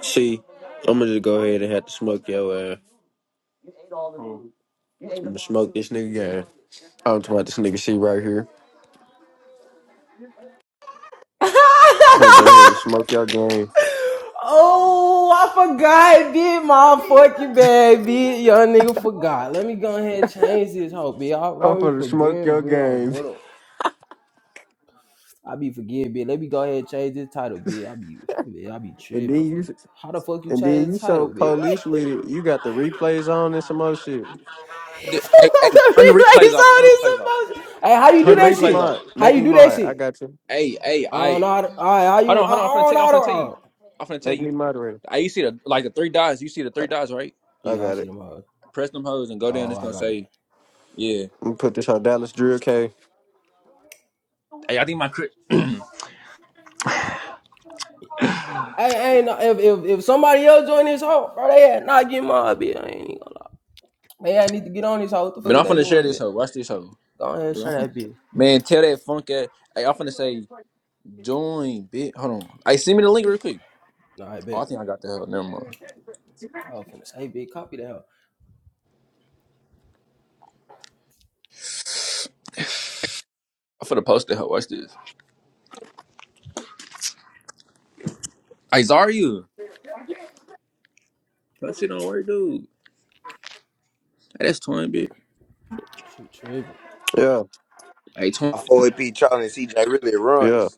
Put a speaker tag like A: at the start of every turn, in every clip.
A: See, I'm gonna just go ahead and have to smoke your ass. I'm gonna smoke this nigga game. I'm talking about this nigga C right here. I'm gonna go ahead and smoke your game.
B: Oh, I forgot it did my
A: I'm gonna smoke your game, and then you, and then you so police with it. You got the replays on and some other shit.
C: Hey, hey, hey, turn the replays off. Turn the replays off. Turn
A: Here,
C: the
A: make me
C: replays off.
A: mod. Make me mod. I got you.
C: Hey, hey, I hold on, hold on. I'm finna tell you. I'm finna tell you. I'm finna tell
A: Make me
C: you.
A: moderator.
C: Hey, you see the like the three dots. You see the
A: I,
C: three dots, right?
A: I got it.
C: Press them hoes and go down. It's gonna say, yeah.
A: I'm gonna put this on Dallas Drill K.
C: Hey, I think my crit. But I'm finna share this hoe. Watch this hoe. Look, I'm finna. Man, tell that funk ass. Hey, I'm finna say join. Bit. Hold on. Hey, send me the link real quick. Oh, I think I got the hell. Never mind. I'm finna post the hoe. Watch this. Hey, Zarya. That shit don't work, dude. Hey, that's twin bitch.
A: Yeah,
C: Hey,
D: I
C: twin.
D: 4AP Charlie and CJ really runs.
A: yeah.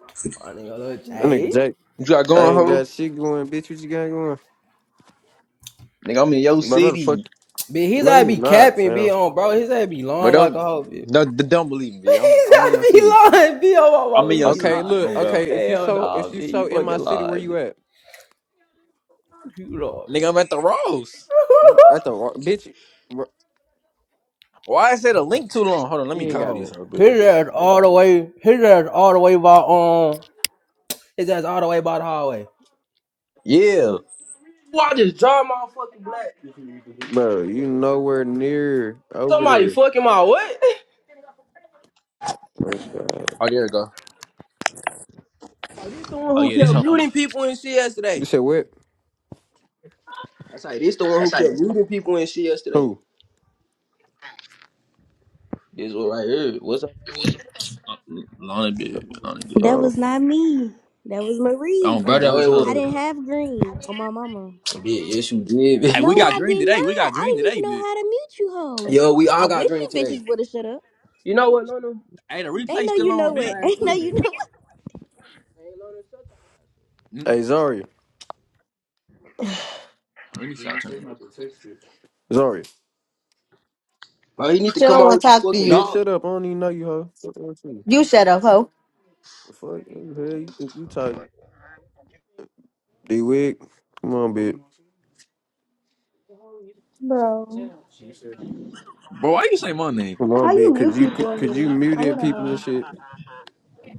A: That nigga Jake.
C: You got
A: I
C: going,
A: ain't
C: hoe?
A: got shit going, bitch. What you got going?
C: Nigga, I'm in your
A: But no, the fuck.
C: city.
A: No, you not, fam.
C: But don't don't, don't believe me, B. I'm I'm in your city. I'm in your
A: Okay,
C: city, B. Oh
A: look.
C: God.
A: Okay, if you so if you so in my city, where you at?
C: Nigga, I'm at the Rose.
A: You- At the wa- bitch. bro,
C: Why is it a link too long? Hold on, let
A: You
C: me
A: ain't
C: copy
A: got,
C: this real bit. Yeah.
A: bro. You nowhere near over there. Oh God.
C: Oh there we go. Oh yeah, this her finna
A: You said what? Who?
C: uh, Lonnie bit. Lonnie bit.
E: That
A: Uh,
E: was not me. That was
C: Oh
E: Marie.
C: bro, that was
E: I
C: her.
E: didn't have green on my mama.
C: Hey, we
E: No,
C: got
E: I
C: green
E: did
C: today. We
E: not.
C: got
E: I
C: green
E: didn't even
C: today,
E: know
C: bit.
E: how to mute you hoes. I wish you bitches would have shut up.
C: Hey, the
E: Ain't
C: replay
E: no you
C: still on,
E: know
C: bit.
E: it. Ain't no you know
C: Mm,
A: hey Zari,
C: Let me see. I turn it. off.
A: Zari,
F: She don't want to talk to you.
A: Bitch, shut up. I don't even know you, hoe. Fuck wrong with you.
F: You shut up, hoe.
A: The fuck? Who the hell you think you talking? D wig. Come on, bitch.
G: Bro,
C: Bro, why you say my name?
A: Come on,
G: how
A: bitch.
G: you
A: Could
G: mute
A: you
G: people
A: could,
G: in
A: could you
G: here?
A: mute
G: I wanna
A: in people and
G: know.
A: shit?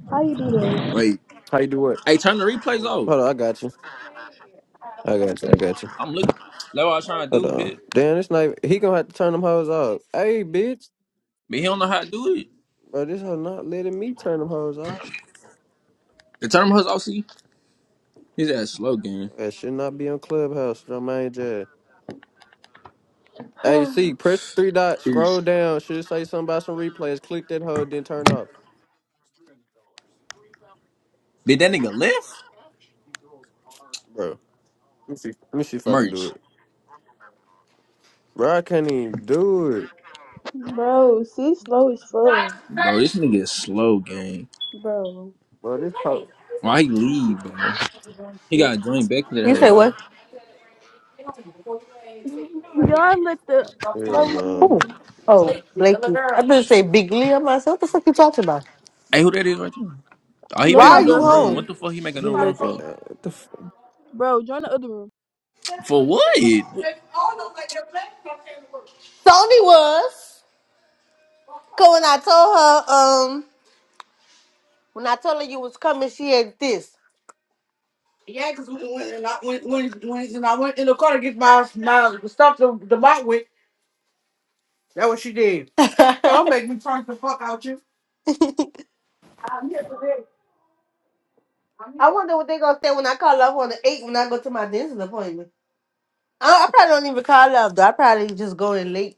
G: How you do
C: Wait.
A: How you do what?
C: Hey, turn the replays
A: Hold
C: off.
A: on, I got you. I got you. I got you.
C: I'm looking. That's what I was trying to
A: Hold
C: do,
A: on.
C: bit.
A: Damn, this night he gonna have to turn them hoes off. Hey, bitch,
C: But he don't know how to do it.
A: bro, this hoe not letting me turn them hoes off.
C: The turn him off, see? He's that slow game.
A: That should not be on Clubhouse, Jermaine Jazz. Hey, see,
G: that?
A: press the three dots, scroll
C: He's-
A: down, should say something about some replays, click that hoe, then turn off.
C: Did that nigga lift?
A: Bro, let me see, let me see if I can do
C: Merch.
A: it. Bro, I can't even do it.
G: Bro, see, slow as fuck.
C: Bro, this nigga is slow game.
G: Bro.
A: Bro, this po-
C: Why he leave, bro? He gotta join back for that hoe right.
A: Well,
G: Y'all let the
A: yeah,
G: slowest
A: no.
F: Who?
G: nigga.
F: Oh, Blakey. I better say Big Lee. I'm like, what the fuck you talking about?
C: Hey, who that is right there? Oh, he
F: Why
G: Then
C: made a
G: my
F: are you
C: new room.
F: home?
C: What
G: girlfriend.
C: the fuck he make a
A: He
C: new room
A: make
C: for?
A: it.
G: Bro, join the other room.
C: For what?
F: Sony was. Cause when I told her, um, when I told her you was coming, she had this. Yeah, cause when when and I when when, when and I went in the car to get my my stuff to the bike with, that's what she did. Don't make me punch the fuck out you. I wonder what they gonna say when I call up on the eight when I go to my dancing appointment. I, I probably don't even call up though. I probably just go in late.